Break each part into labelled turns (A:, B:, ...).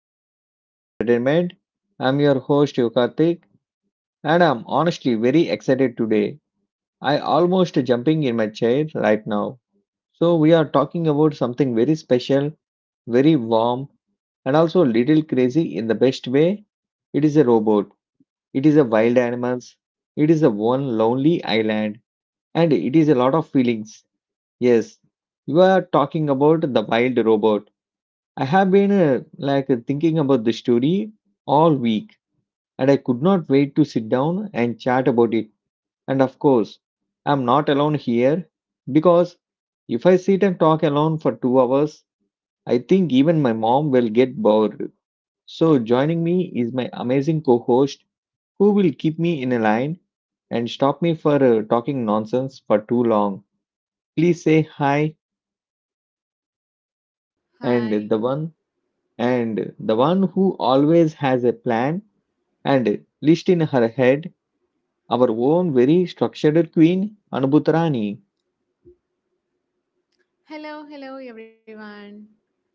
A: podcast entertainment. I'm your host Yokartik and I'm honestly very excited today. I almost jumping in my chair right now. So we are talking about something very special, very warm and also little crazy in the best way. It is a robot. It is a wild animals. It is a one lonely island and it is a lot of feelings. Yes, you are talking about the wild robot. I have been thinking about the story all week and I could not wait to sit down and chat about it. And of course, I'm not alone here because if I sit and talk alone for 2 hours, I think even my mom will get bored. So joining me is my amazing co-host who will keep me in a line and stop me for talking nonsense for too long. Please say hi and
B: Hi.
A: the one who always has a plan and list in her head, our own very structured queen, Anubhutarani.
B: Hello, hello everyone.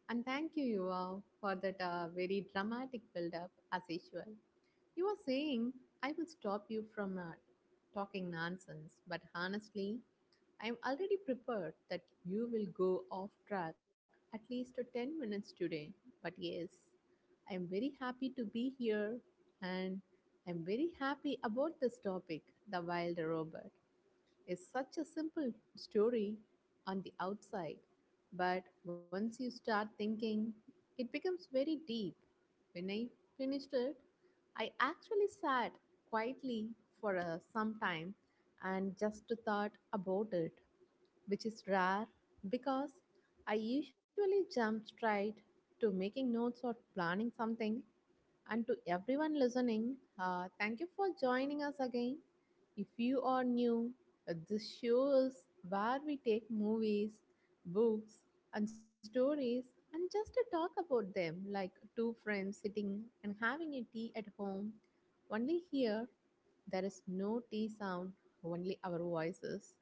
B: And thank you all for that very dramatic build up as usual. You were saying I will stop you from talking nonsense, but honestly, I am already prepared that you will go off track at least to 10 minutes today. But yes, I am very happy to be here and I'm very happy about this topic, the wild robot. Is such a simple story on the outside, but once you start thinking, it becomes very deep. When I finished it, I actually sat quietly for some time and just thought about it, which is rare because I usually jump straight to making notes or planning something and to everyone listening, thank you for joining us again. If you are new, this show is where we take movies, books, and stories and just to talk about them like two friends sitting and having a tea at home. Only here, there is no tea sound, only our voices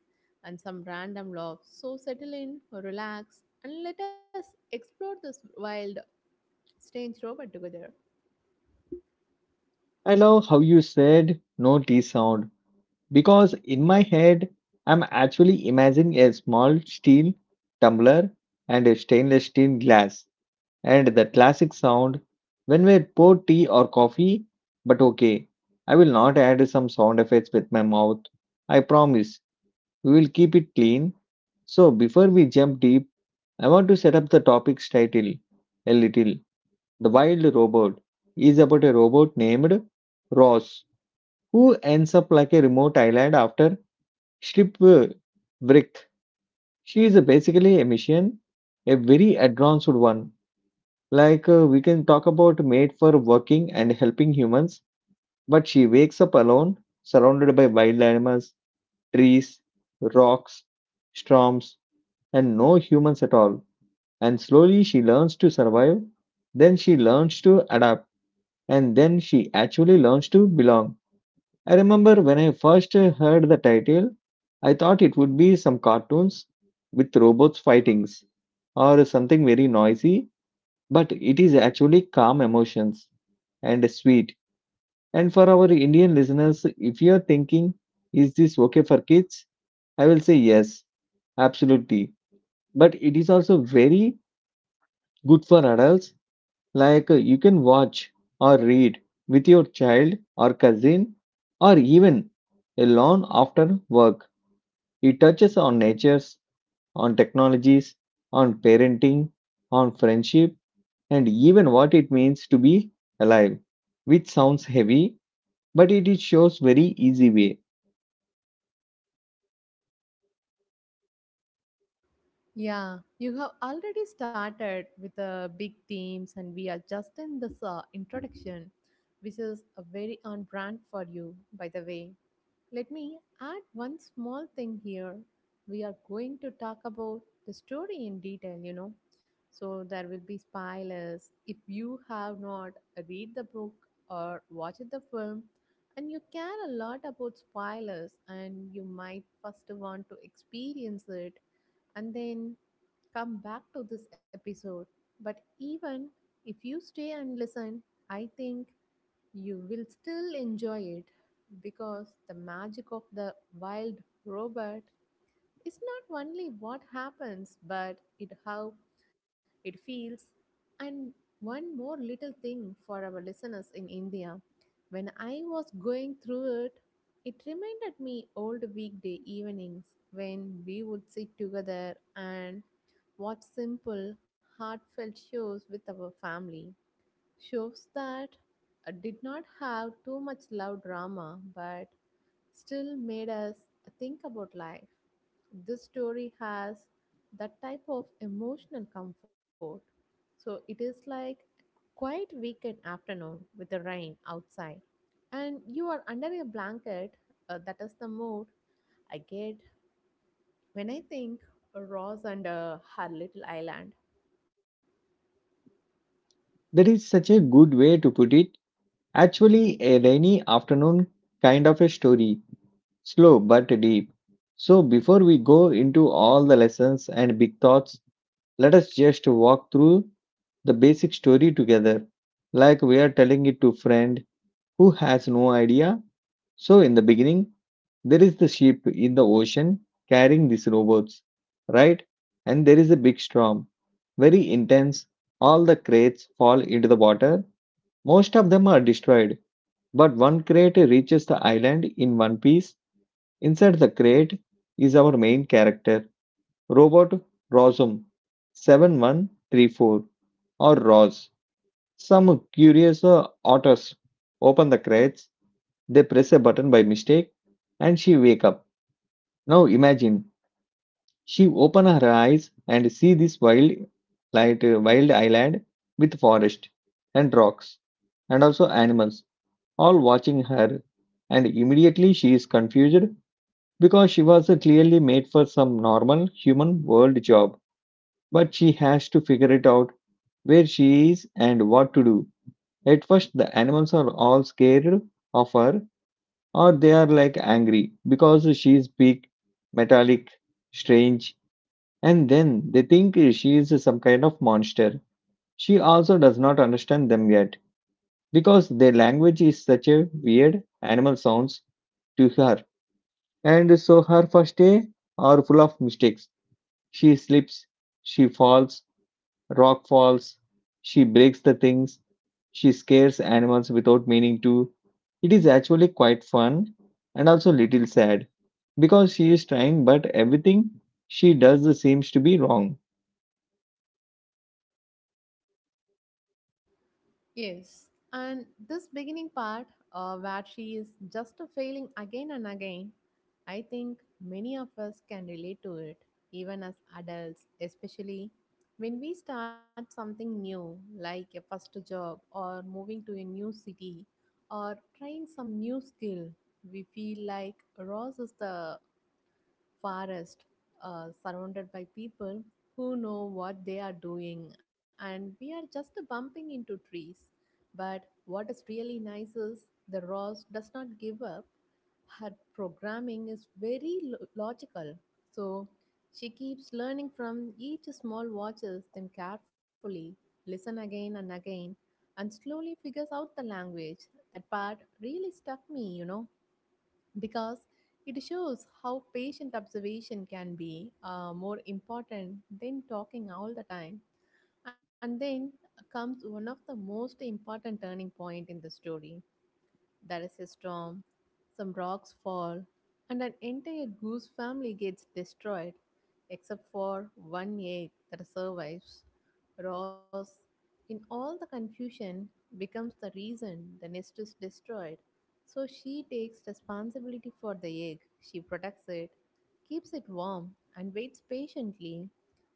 B: and some random love. So settle in, relax, and let us explore this wild, strange robot together.
A: I love how you said no T sound because in my head, I'm actually imagining a small steel tumbler and a stainless steel glass and the classic sound when we pour tea or coffee. But okay, I will not add some sound effects with my mouth. I promise we will keep it clean. So before we jump deep, I want to set up the topic's title a little. The Wild Robot is about a robot named Ross who ends up like a remote island after Strip. She is basically a mission, a very advanced one. We can talk about made for working and helping humans, but she wakes up alone, surrounded by wild animals, trees, rocks, storms, and no humans at all. And slowly she learns to survive, then she learns to adapt, and then she actually learns to belong. I remember when I first heard the title, I thought it would be some cartoons with robots fightings or something very noisy, but it is actually calm emotions and sweet. And for our Indian listeners, if you are thinking, is this okay for kids? I will say yes, absolutely. But it is also very good for adults. You can watch or read with your child or cousin or even alone after work. It touches on natures, on technologies, on parenting, on friendship, and even what it means to be alive, which sounds heavy, but it shows very easy way.
B: Yeah, you have already started with the big themes, and we are just in this introduction, which is a very on brand for you, by the way. Let me add one small thing here. We are going to talk about the story in detail, you know. So there will be spoilers. If you have not read the book or watched the film, and you care a lot about spoilers, and you might first want to experience it and then come back to this episode. But even if you stay and listen, I think you will still enjoy it because the magic of the wild robot it's not only what happens, but it how it feels. And one more little thing for our listeners in India. When I was going through it, it reminded me old weekday evenings when we would sit together and watch simple, heartfelt shows with our family. Shows that did not have too much loud drama, but still made us think about life. This story has that type of emotional comfort. So it is like quite weekend afternoon with the rain outside, and you are under a blanket. That is the mood I get when I think of Ross and her little island.
A: That is such a good way to put it. Actually, a rainy afternoon kind of a story. Slow but deep. So, before we go into all the lessons and big thoughts, let us just walk through the basic story together, like we are telling it to friend who has no idea. So, in the beginning, there is the ship in the ocean carrying these robots, right? And there is a big storm, very intense. All the crates fall into the water. Most of them are destroyed, but one crate reaches the island in one piece. Inside the crate is our main character, Robot Rosum 7134 or Roz. Some curious otters open the crates, they press a button by mistake and she wake up. Now imagine she open her eyes and see this wild light wild island with forest and rocks and also animals all watching her and immediately she is confused because she was clearly made for some normal human world job, but she has to figure it out where she is and what to do. At first, the animals are all scared of her, or they are like angry because she is big, metallic, strange, and then they think she is some kind of monster. She also does not understand them yet because their language is such a weird animal sounds to her, and so her first day are full of mistakes. She slips, she falls, rock falls, she breaks the things, she scares animals without meaning to. It is actually quite fun and also little sad because she is trying, but everything she does seems to be wrong.
B: Yes, and this beginning part where she is just failing again and again, I think many of us can relate to it, even as adults, especially when we start something new, like a first job or moving to a new city or trying some new skill. We feel like Ross is the forest surrounded by people who know what they are doing, and we are just bumping into trees. But what is really nice is the Ross does not give up. Her programming is very logical. So she keeps learning from each small watches them carefully, listen again and again, and slowly figures out the language. That part really stuck me, you know because it shows how patient observation can be more important than talking all the time. And then comes one of the most important turning point in the story there is a storm, some rocks fall, and an entire goose family gets destroyed, except for one egg that survives. Ross, in all the confusion, becomes the reason the nest is destroyed. So she takes responsibility for the egg, she protects it, keeps it warm, and waits patiently.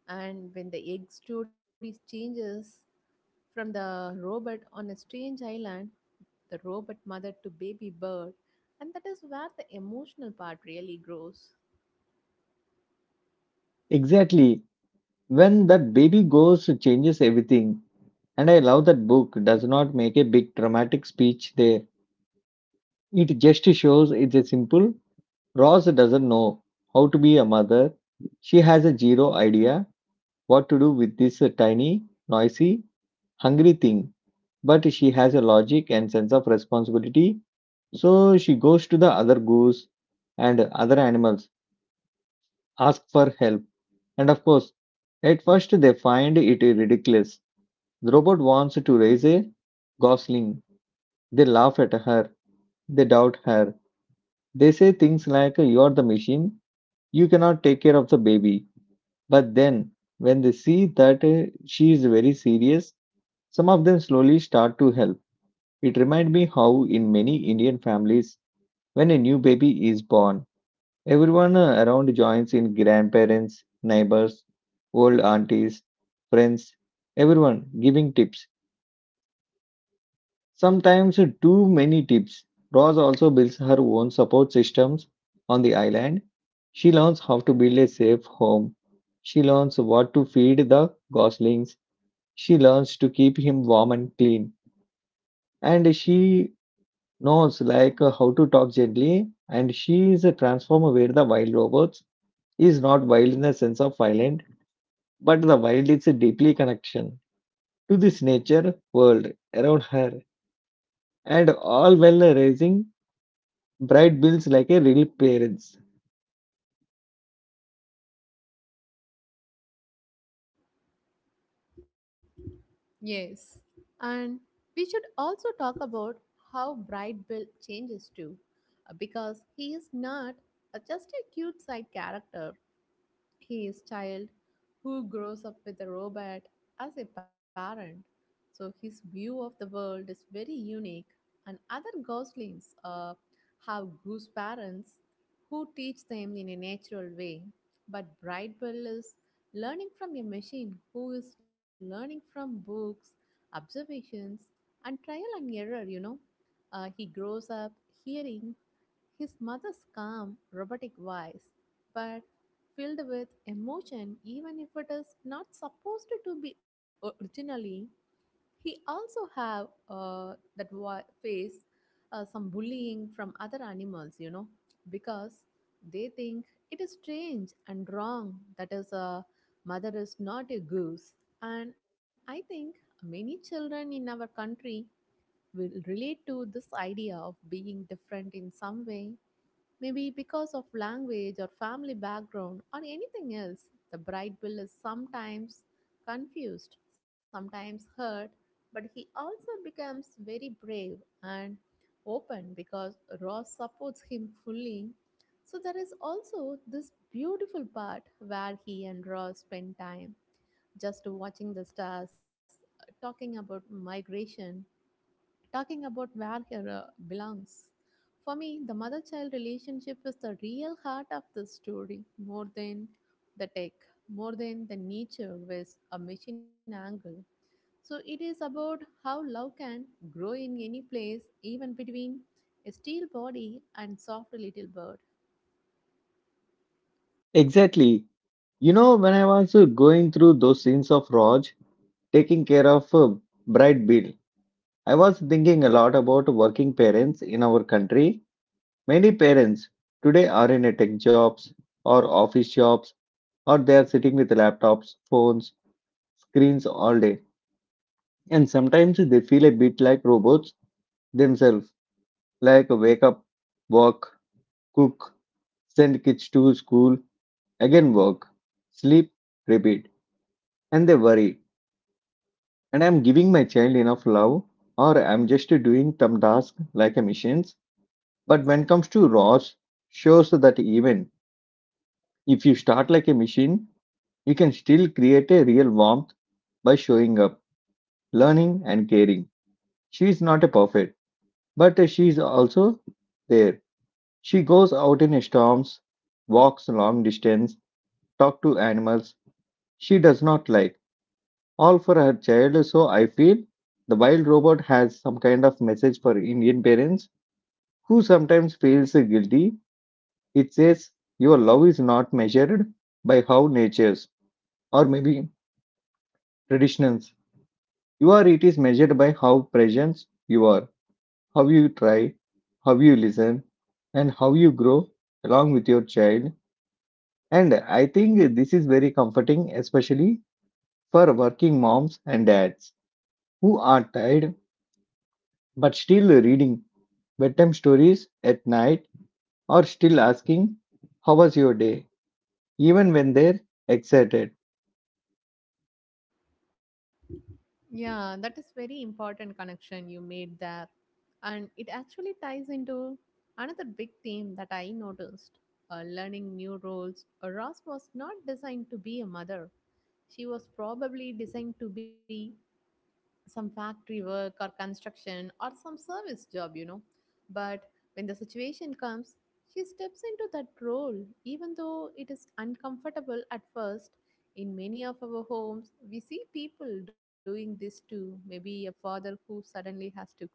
B: And when the egg story changes, from the robot on a strange island, the robot mother to baby bird, and that is where the emotional part really grows.
A: Exactly. When that baby goes, changes everything. And I love that book does not make a big dramatic speech there. It just shows it's a simple. Ross doesn't know how to be a mother. She has a zero idea. What to do with this tiny, noisy, hungry thing. But she has a logic and sense of responsibility. So she goes to the other goose and other animals, ask for help. And of course, at first they find it ridiculous. The robot wants to raise a gosling. They laugh at her. They doubt her. They say things like, "You are the machine. You cannot take care of the baby." But then, when they see that she is very serious, some of them slowly start to help. It reminded me how, in many Indian families, when a new baby is born, everyone around joins in grandparents, neighbors, old aunties, friends, everyone giving tips. Sometimes too many tips. Rose also builds her own support systems on the island. She learns how to build a safe home. She learns what to feed the goslings. She learns to keep him warm and clean. And she No, it's like how to talk gently, and she is a transformer where the wild robots is not wild in the sense of violent, but the wild is a deeply connection to this nature world around her, and all while raising bright bills like a real parents.
B: Yes. And we should also talk about how Bright Bill changes too, because he is not just a cute side character. His child who grows up with a robot as a parent. So his view of the world is very unique, and other goslings have goose parents who teach them in a natural way. But Brightwell is learning from a machine who is learning from books, observations, and trial and error, you know. He grows up hearing his mother's calm, robotic voice, but filled with emotion, even if it is not supposed to be originally. He also have that face some bullying from other animals, you know, because they think it is strange and wrong that is a mother is not a goose. And I think many children in our country will relate to this idea of being different in some way. Maybe because of language or family background or anything else, the bride bill is sometimes confused, sometimes hurt, but he also becomes very brave and open because Ross supports him fully. So there is also this beautiful part where he and Ross spend time just watching the stars, talking about migration talking about where her belongs. For me, the mother child relationship is the real heart of the story, more than the tech, more than the nature with a machine angle. So, it is about how love can grow in any place, even between a steel body and soft little bird.
A: Exactly. You know, when I was going through those scenes of Raj taking care of bright bill, I was thinking a lot about working parents in our country. Many parents today are in a tech jobs or office jobs or they are sitting with laptops, phones, screens all day. And sometimes they feel a bit like robots themselves, like wake up, work, cook, send kids to school, again work, sleep, repeat. And they worry. And I'm giving my child enough love or I'm just doing some task like a machines. But when comes to Ross, shows that even if you start like a machine, you can still create a real warmth by showing up, learning, and caring. She is not a perfect, but she is also there. She goes out in storms, walks long distance, talks to animals she does not like, all for her child. So I feel the wild robot has some kind of message for Indian parents who sometimes feels guilty. It says your love is not measured by how natures or maybe traditions You are it is measured by how present you are, how you try, how you listen, and how you grow along with your child. And I think this is very comforting, especially for working moms and dads who are tired but still reading bedtime stories at night or still asking, "How was your day?" even when they're excited.
B: Yeah, that is very important connection you made there. And it actually ties into another big theme that I noticed. Learning new roles. Ross was not designed to be a mother. She was probably designed to be some factory work or construction or some service job, you know. But when the situation comes, she steps into that role, even though it is uncomfortable at first. In many of our homes, we see people doing this too. Maybe a father who suddenly has to cook,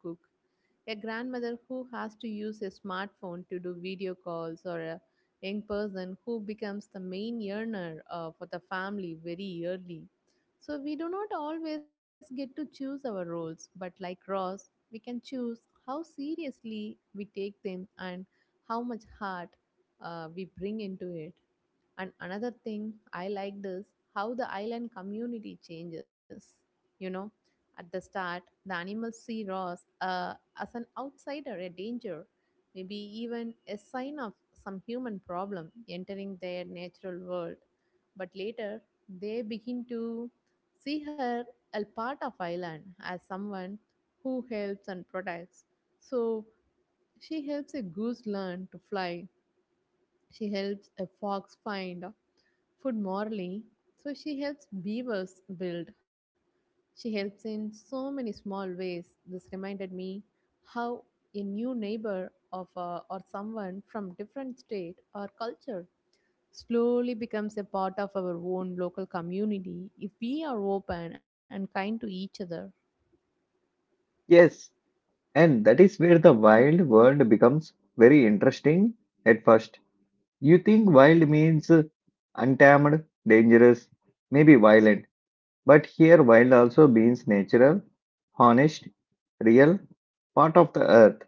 B: a grandmother who has to use a smartphone to do video calls, or a young person who becomes the main earner for the family very early. So, we do not always get to choose our roles, but like Ross, we can choose how seriously we take them and how much heart we bring into it. And another thing I liked is how the island community changes. You know, at the start, the animals see Ross as an outsider, a danger, maybe even a sign of some human problem entering their natural world. But later, they begin to see her a part of island as someone who helps and protects. So she helps a goose learn to fly. She helps a fox find food morally. So she helps beavers build. She helps in so many small ways. This reminded me how a new neighbor of or someone from different state or culture slowly becomes a part of our own local community if we are open and kind to each other.
A: Yes, and that is where the wild world becomes very interesting at first. You think wild means untamed, dangerous, maybe violent, but here wild also means natural, honest, real, part of the earth.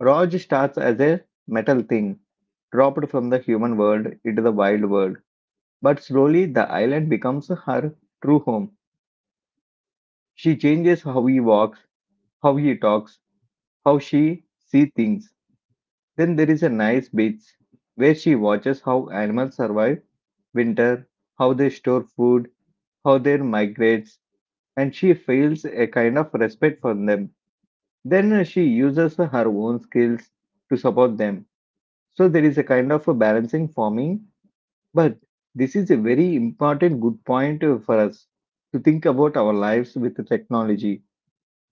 A: Raj starts as a metal thing, dropped from the human world into the wild world. But slowly the island becomes her true home. She changes how he walks, how he talks, how she sees things. Then there is a nice beach where she watches how animals survive winter, how they store food how they migrate, and she feels a kind of respect for them. Then she uses her own skills to support them. So there is a kind of a balancing forming, but this is a very important good point for us to think about our lives with the technology.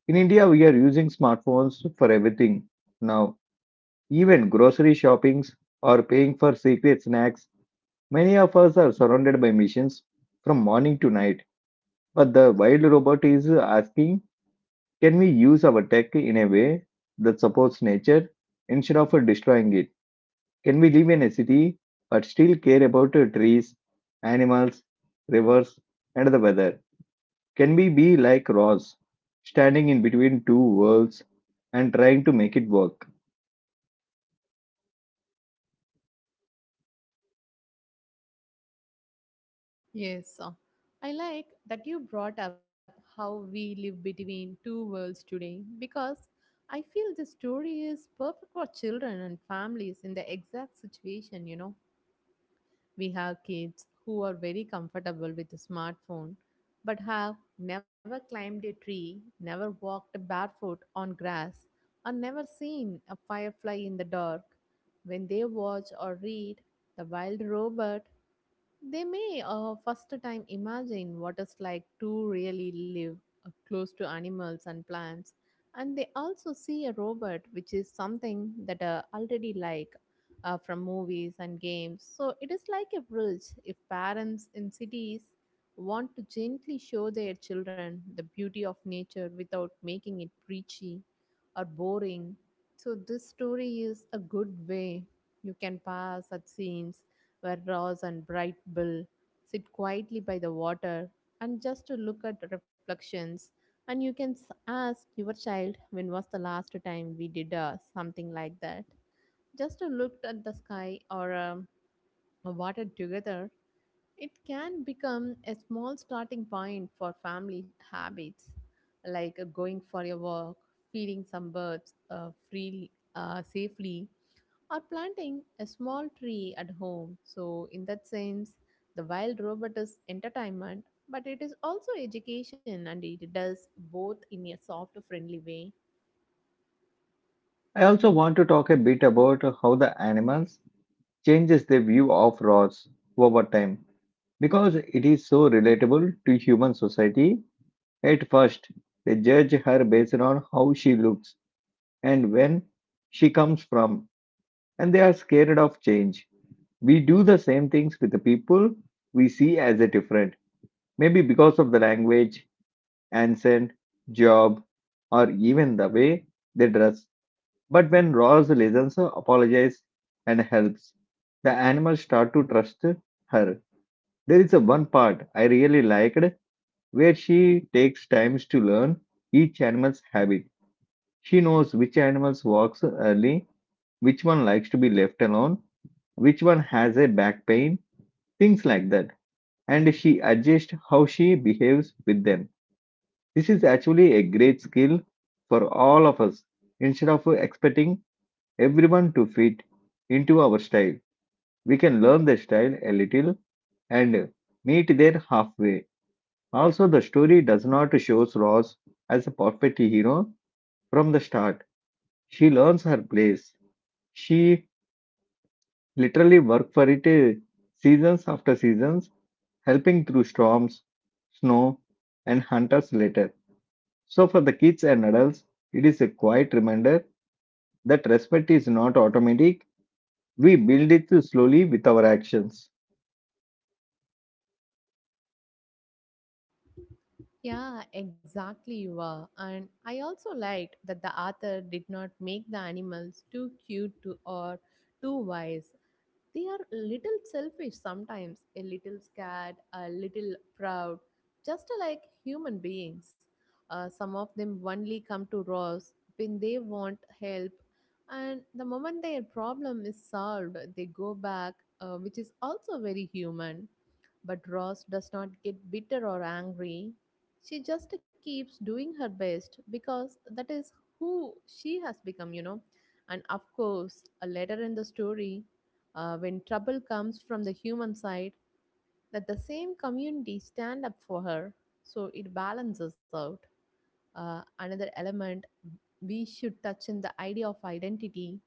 A: In India, we are using smartphones for everything now, even grocery shoppings or paying for secret snacks. Many of us are surrounded by missions from morning to night but the wild robot is asking, can we use our tech in a way that supports nature instead of destroying it? Can we live in a city but still care about trees, animals, rivers, and the weather? Can we be like Ross, standing in between two worlds and trying to make it work?
B: Yes, I like that you brought up how we live between two worlds today because I feel the story is perfect for children and families in the exact situation, you know. We have kids who are very comfortable with a smartphone but have never climbed a tree, never walked barefoot on grass, or never seen a firefly in the dark. When they watch or read The Wild Robot they may first time imagine what it's like to really live close to animals and plants, and they also see a robot, which is something that are already like from movies and games. So it is like a bridge. If parents in cities want to gently show their children the beauty of nature without making it preachy or boring, so this story is a good way you can pass at scenes where Ross and Bright Bill sit quietly by the water and just to look at reflections. And you can ask your child, when was the last time we did something like that? Just to look at the sky or a water together, it can become a small starting point for family habits, like going for a walk, feeding some birds freely, safely, or planting a small tree at home. So, in that sense, the wild robot is entertainment, but it is also education and it does both in a soft, friendly way.
A: I also want to talk a bit about how the animals changes their view of Ross over time because it is so relatable to human society. At first, they judge her based on how she looks and when she comes from, and they are scared of change. We do the same things with the people we see as a different, maybe because of the language, accent, job, or even the way they dress. But when Ross listens, apologizes, and helps, the animals start to trust her. There is a one part I really liked where she takes times to learn each animal's habit. She knows which animals walks early, which one likes to be left alone, which one has a back pain, things like that. And she adjusts how she behaves with them. This is actually a great skill for all of us. Instead of expecting everyone to fit into our style, we can learn their style a little and meet there halfway. Also, the story does not show Ross as a perfect hero from the start. She learns her place. She literally work for it seasons after seasons, helping through storms, snow, and hunters later. So, for the kids and adults, it is a quiet reminder that respect is not automatic. We build it slowly with our actions.
B: Yeah, exactly, you are. And I also liked that the author did not make the animals too cute to, or too wise. They are little selfish sometimes, a little scared, a little proud, just like human beings. Some of them only come to us when they want help, and the moment their problem is solved, they go back, which is also very human. But Ross does not get bitter or angry. She just keeps doing her best because that is who she has become, you know. And of course, a later in the story, when trouble comes from the human side, let the same community stand up for her. So it balances out. Another element we should touch in the idea of identity.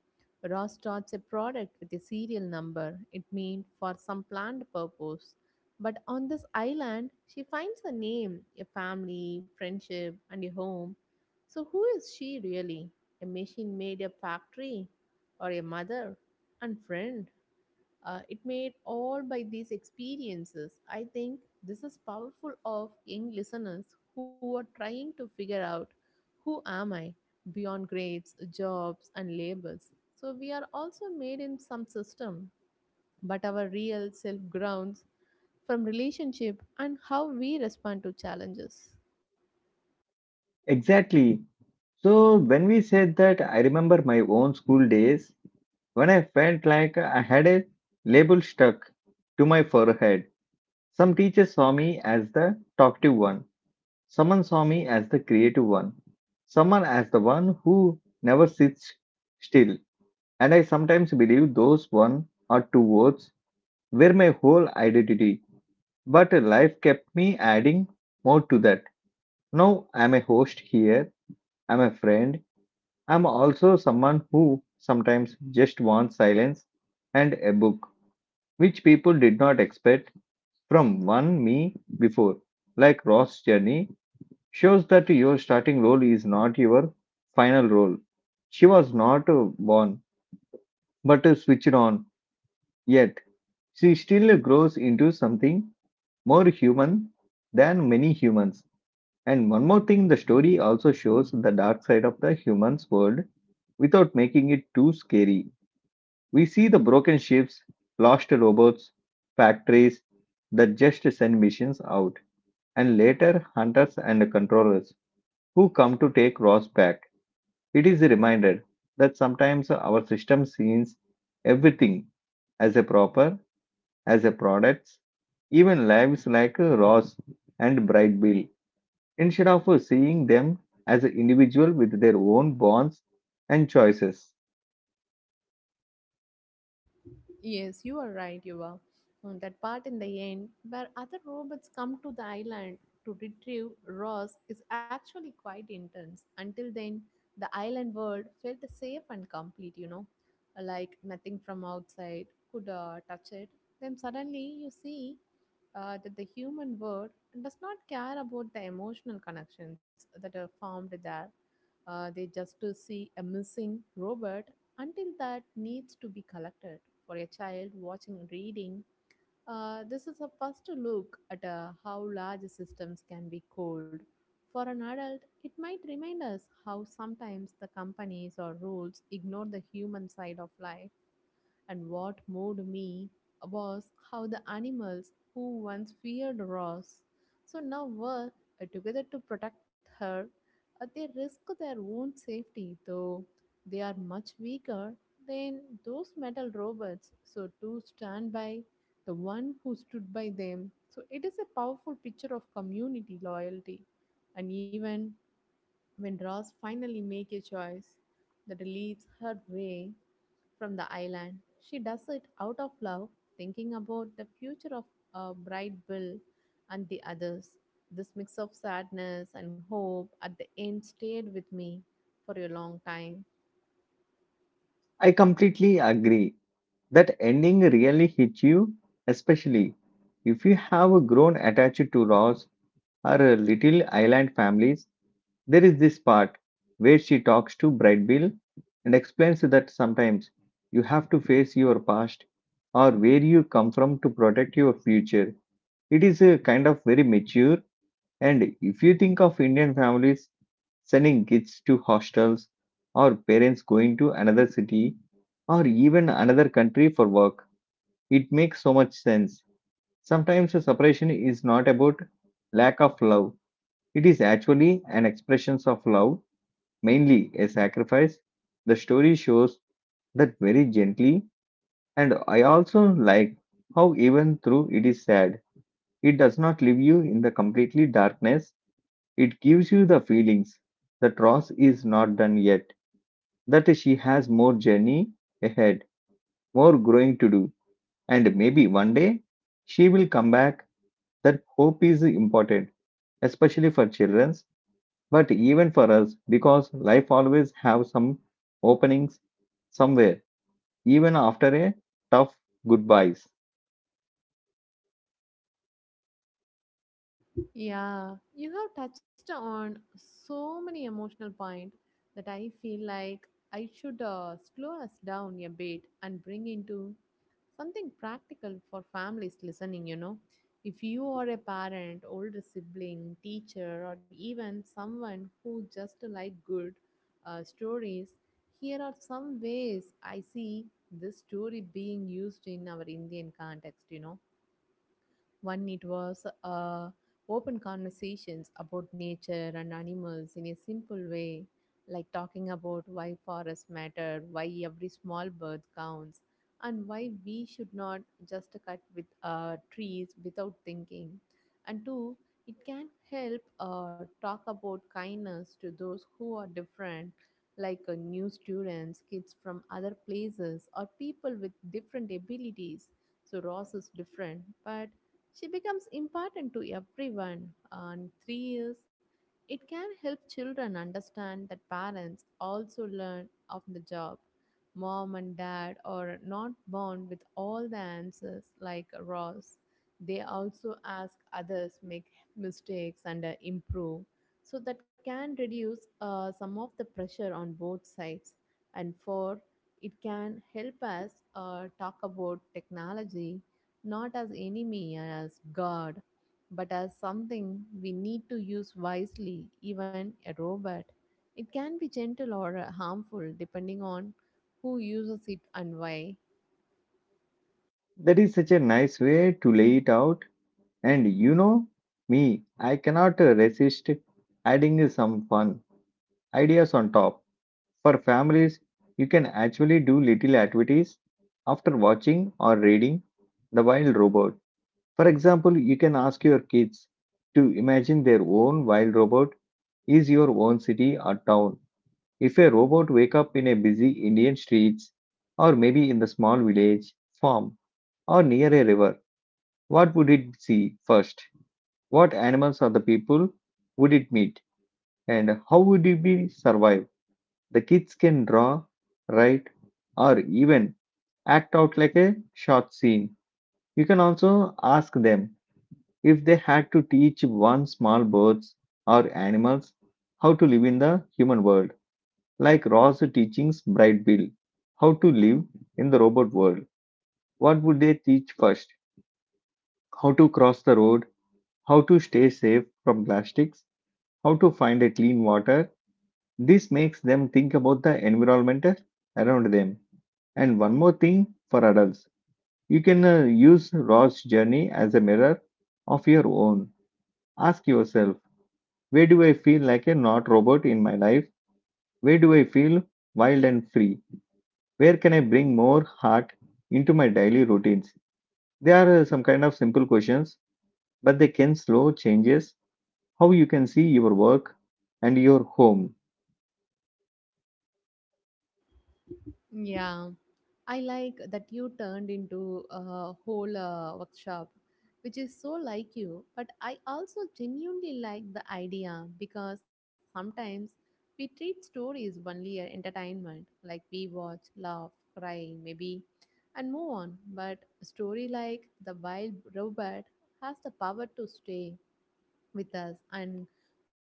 B: Ross starts a product with a serial number. It means for some planned purpose. But on this island, she finds a name, a family, friendship, and a home. So who is she really? A machine made a factory or a mother and friend? It made all by these experiences. I think this is powerful of young listeners who are trying to figure out who am I beyond grades, jobs, and labels. So we are also made in some system, but our real self grounds from relationship and how we respond to challenges.
A: Exactly. So, when we said that, I remember my own school days when I felt like I had a label stuck to my forehead. Some teachers saw me as the talkative one. Someone saw me as the creative one, someone as the one who never sits still. And I sometimes believe those one or two words were my whole identity. But life kept me adding more to that. Now I'm a host here, I'm a friend, I'm also someone who sometimes just wants silence and a book, which people did not expect from one me before, like Ross' journey shows that your starting role is not your final role. She was not born, but switched on, yet she still grows into something more human than many humans. And one more thing, the story also shows the dark side of the human's world without making it too scary. We see the broken ships, lost robots, factories that just send missions out, and later hunters and controllers who come to take Ross back. It is a reminder that sometimes our system sees everything as a proper, as a products, even lives like Ross and Bright Bill, instead of seeing them as an individual with their own bonds and choices.
B: Yes, you are right, you are. Mm, that part in the end where other robots come to the island to retrieve Ross is actually quite intense. Until then, the island world felt safe and complete, you know, like nothing from outside could touch it. Then suddenly you see that the human world does not care about the emotional connections that are formed there. They just to see a missing robot until that needs to be collected for a child watching reading, this is a first look at how large systems can be cold. For an adult, it might remind us how sometimes the companies or rules ignore the human side of life. And what moved me was how the animals who once feared Ross so now work together to protect her. They risk their own safety, though they are much weaker than those metal robots. So to stand by the one who stood by them. So it is a powerful picture of community loyalty. And even when Ross finally make a choice that leads her way, from the island. She does it out of love, thinking about the future of Bright Bill and the others. This mix of sadness and hope at the end stayed with me for a long time.
A: I completely agree that ending really hits you, especially if you have grown attached to Ross or Little Island families. There is this part where she talks to Bright Bill and explains that sometimes you have to face your past or where you come from to protect your future. It is a kind of very mature, and if you think of Indian families sending kids to hostels or parents going to another city or even another country for work, it makes so much sense. Sometimes a separation is not about lack of love, it is actually an expression of love mainly a sacrifice, the story shows that very gently, and I also like how, even though it is sad, it does not leave you in the completely darkness. It gives you the feelings that Ross is not done yet, that she has more journey ahead, more growing to do, and maybe one day she will come back. That hope is important, especially for children, but even for us, because life always have some openings somewhere even after a tough goodbyes.
B: Yeah, you have touched on so many emotional points that I feel like I should slow us down a bit and bring into something practical for families listening, you know, if you are a parent, older sibling, teacher, or even someone who just like good stories. Here are some ways I see this story being used in our Indian context, you know. One, it was open conversations about nature and animals in a simple way, like talking about why forests matter, why every small bird counts, and why we should not just cut with trees without thinking. And two, it can help talk about kindness to those who are different, like new students, kids from other places, or people with different abilities. So Ross is different, but she becomes important to everyone, and three is it can help children understand that parents also learn of the job. Mom and dad are not born with all the answers like Ross. They also ask others, make mistakes, and improve. So that can reduce some of the pressure on both sides. And four, it can help us talk about technology not as enemy and as God, but as something we need to use wisely, even a robot. It can be gentle or harmful depending on who uses it and why.
A: That is such a nice way to lay it out. And you know me, I cannot resist adding some fun ideas on top. For families, you can actually do little activities after watching or reading The Wild Robot. For example, you can ask your kids to imagine their own wild robot is your own city or town. If a robot wake up in a busy Indian streets or maybe in the small village, farm or near a river, what would it see first? What animals or the people would it meet and how would it be survive? The kids can draw, write or even act out like a short scene. You can also ask them if they had to teach one small birds or animals how to live in the human world, like Ross teachings Bright Bill how to live in the robot world, what would they teach first? How to cross the road, how to stay safe from plastics, how to find a clean water. This makes them think about the environment around them. And one more thing for adults, you can use Ross' journey as a mirror of your own. Ask yourself, where do I feel like a not robot in my life? Where do I feel wild and free? Where can I bring more heart into my daily routines? They are some kind of simple questions, but they can slow changes how you can see your work and your home.
B: Yeah, I like that you turned into a whole workshop, which is so like you. But I also genuinely like the idea because sometimes we treat stories only as entertainment, like we watch, laugh, cry, maybe, and move on. But a story like The Wild Robot has the power to stay with us and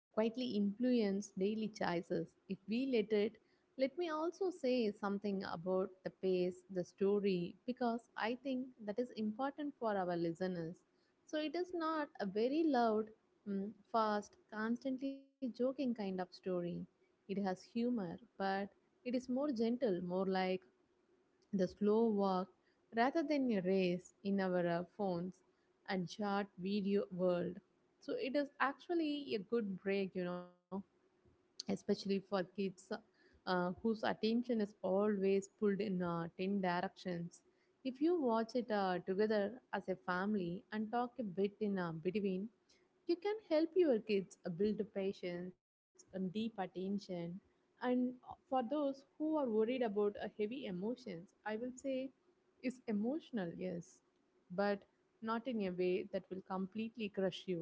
B: quietly influence daily choices if we let it. Let me also say something about the pace, the story, because I think that is important for our listeners. So it is not a very loud, mm, fast, constantly joking kind of story. It has humor, but it is more gentle, more like the slow walk rather than a race in our phones and short video world. So it is actually a good break, you know, especially for kids whose attention is always pulled in 10 directions. If you watch it together as a family and talk a bit in between, you can help your kids build patience and deep attention, and for those who are worried about heavy emotions, I will say is emotional, yes, but not in a way that will completely crush you.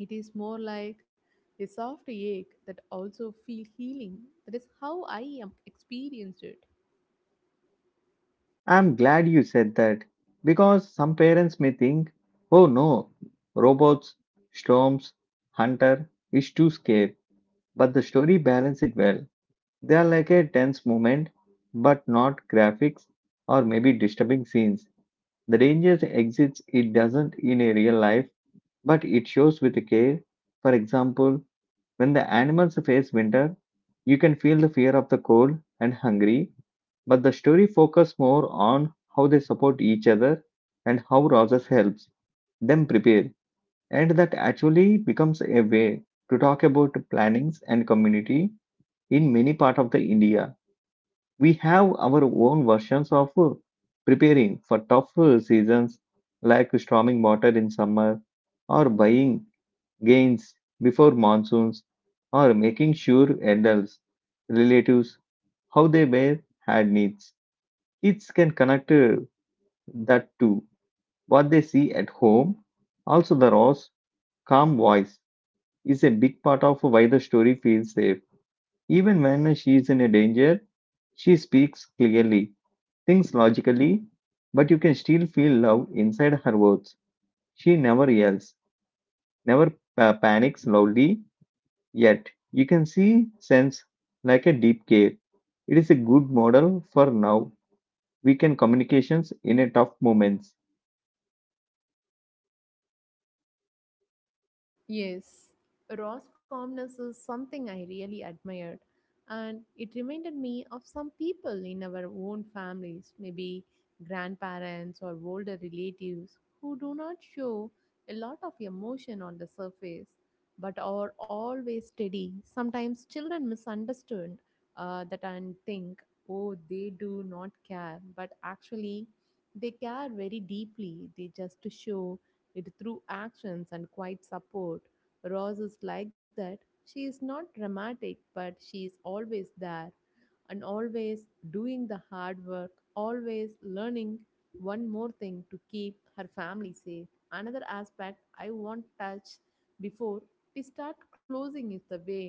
B: It is more like a soft ache that also feel healing. That is how I am experienced it.
A: I'm glad you said that because some parents may think, oh no, robots, storms, hunter is too scary. But the story balance it well. They are like a tense moment, but not graphics or maybe disturbing scenes. The danger exists, it doesn't in a real life but it shows with care. For example, when the animals face winter, you can feel the fear of the cold and hungry, but the story focuses more on how they support each other and how Rogers helps them prepare. And that actually becomes a way to talk about plannings and community in many parts of the India. We have our own versions of preparing for tough seasons like storming water in summer or buying gains before monsoons, or making sure adults, relatives, how they bear had needs. Kids can connect that to what they see at home. Also, the Ross calm voice is a big part of why the story feels safe. Even when she is in a danger, she speaks clearly, thinks logically, but you can still feel love inside her words. She never yells, never panics loudly, yet, you can see sense like a deep care. It is a good model for now. We can communications in a tough moments.
B: Yes, Ross calmness is something I really admired, and it reminded me of some people in our own families, maybe grandparents or older relatives, who do not show a lot of emotion on the surface but are always steady. Sometimes children misunderstand that and think, oh, they do not care, but actually they care very deeply, they just show it through actions and quiet support. Rose is like that. She is not dramatic, but she is always there and always doing the hard work, always learning one more thing to keep her family safe. Another aspect I want to touch before we start closing is the way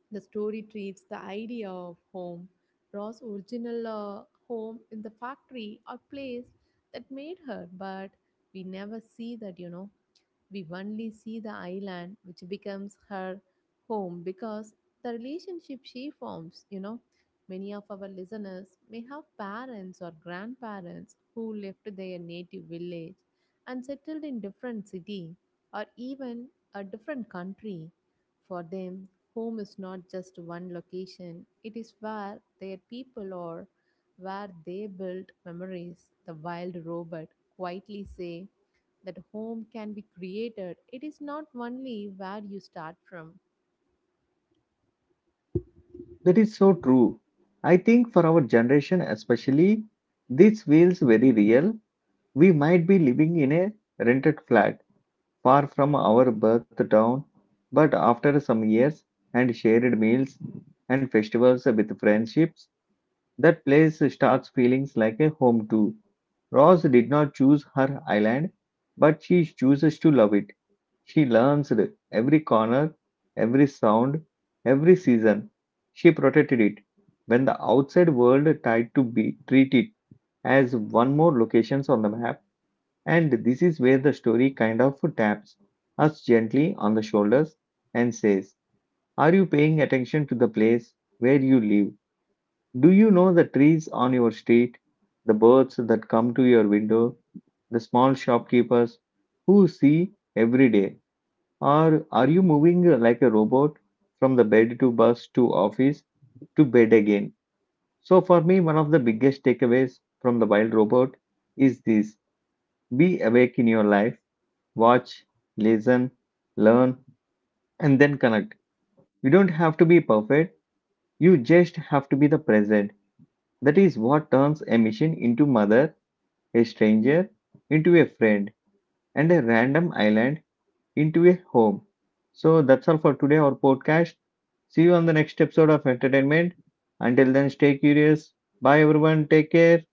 B: the story treats the idea of home. Ross' original home in the factory or place that made her, but we never see that, you know. We only see the island, which becomes her home because the relationship she forms, you know. Many of our listeners may have parents or grandparents who left their native village and settled in different city or even a different country. For them, home is not just one location, it is where their people are, where they built memories. The wild robot quietly say that home can be created, it is not only where you start from,
A: That is so true. I think for our generation especially, this feels very real. We might be living in a rented flat far from our birth town, but after some years and shared meals and festivals with friendships, that place starts feeling like a home too. Rose did not choose her island, but she chooses to love it. She learns every corner, every sound, every season. She protected it when the outside world tried to be, treat it as one more locations on the map. And this is where the story kind of taps us gently on the shoulders and says, are you paying attention to the place where you live? Do you know the trees on your street, the birds that come to your window, the small shopkeepers who see every day? Or are you moving like a robot from the bed to bus to office to bed again? So, for me, one of the biggest takeaways from the wild robot is this: be awake in your life, watch, listen, learn, and then connect. You don't have to be perfect, you just have to be the present. That is what turns a machine into mother, a stranger into a friend, and a random island into a home. So that's all for today, our podcast. See you on the next episode of Entertainment. Until then, stay curious. Bye, everyone. Take care.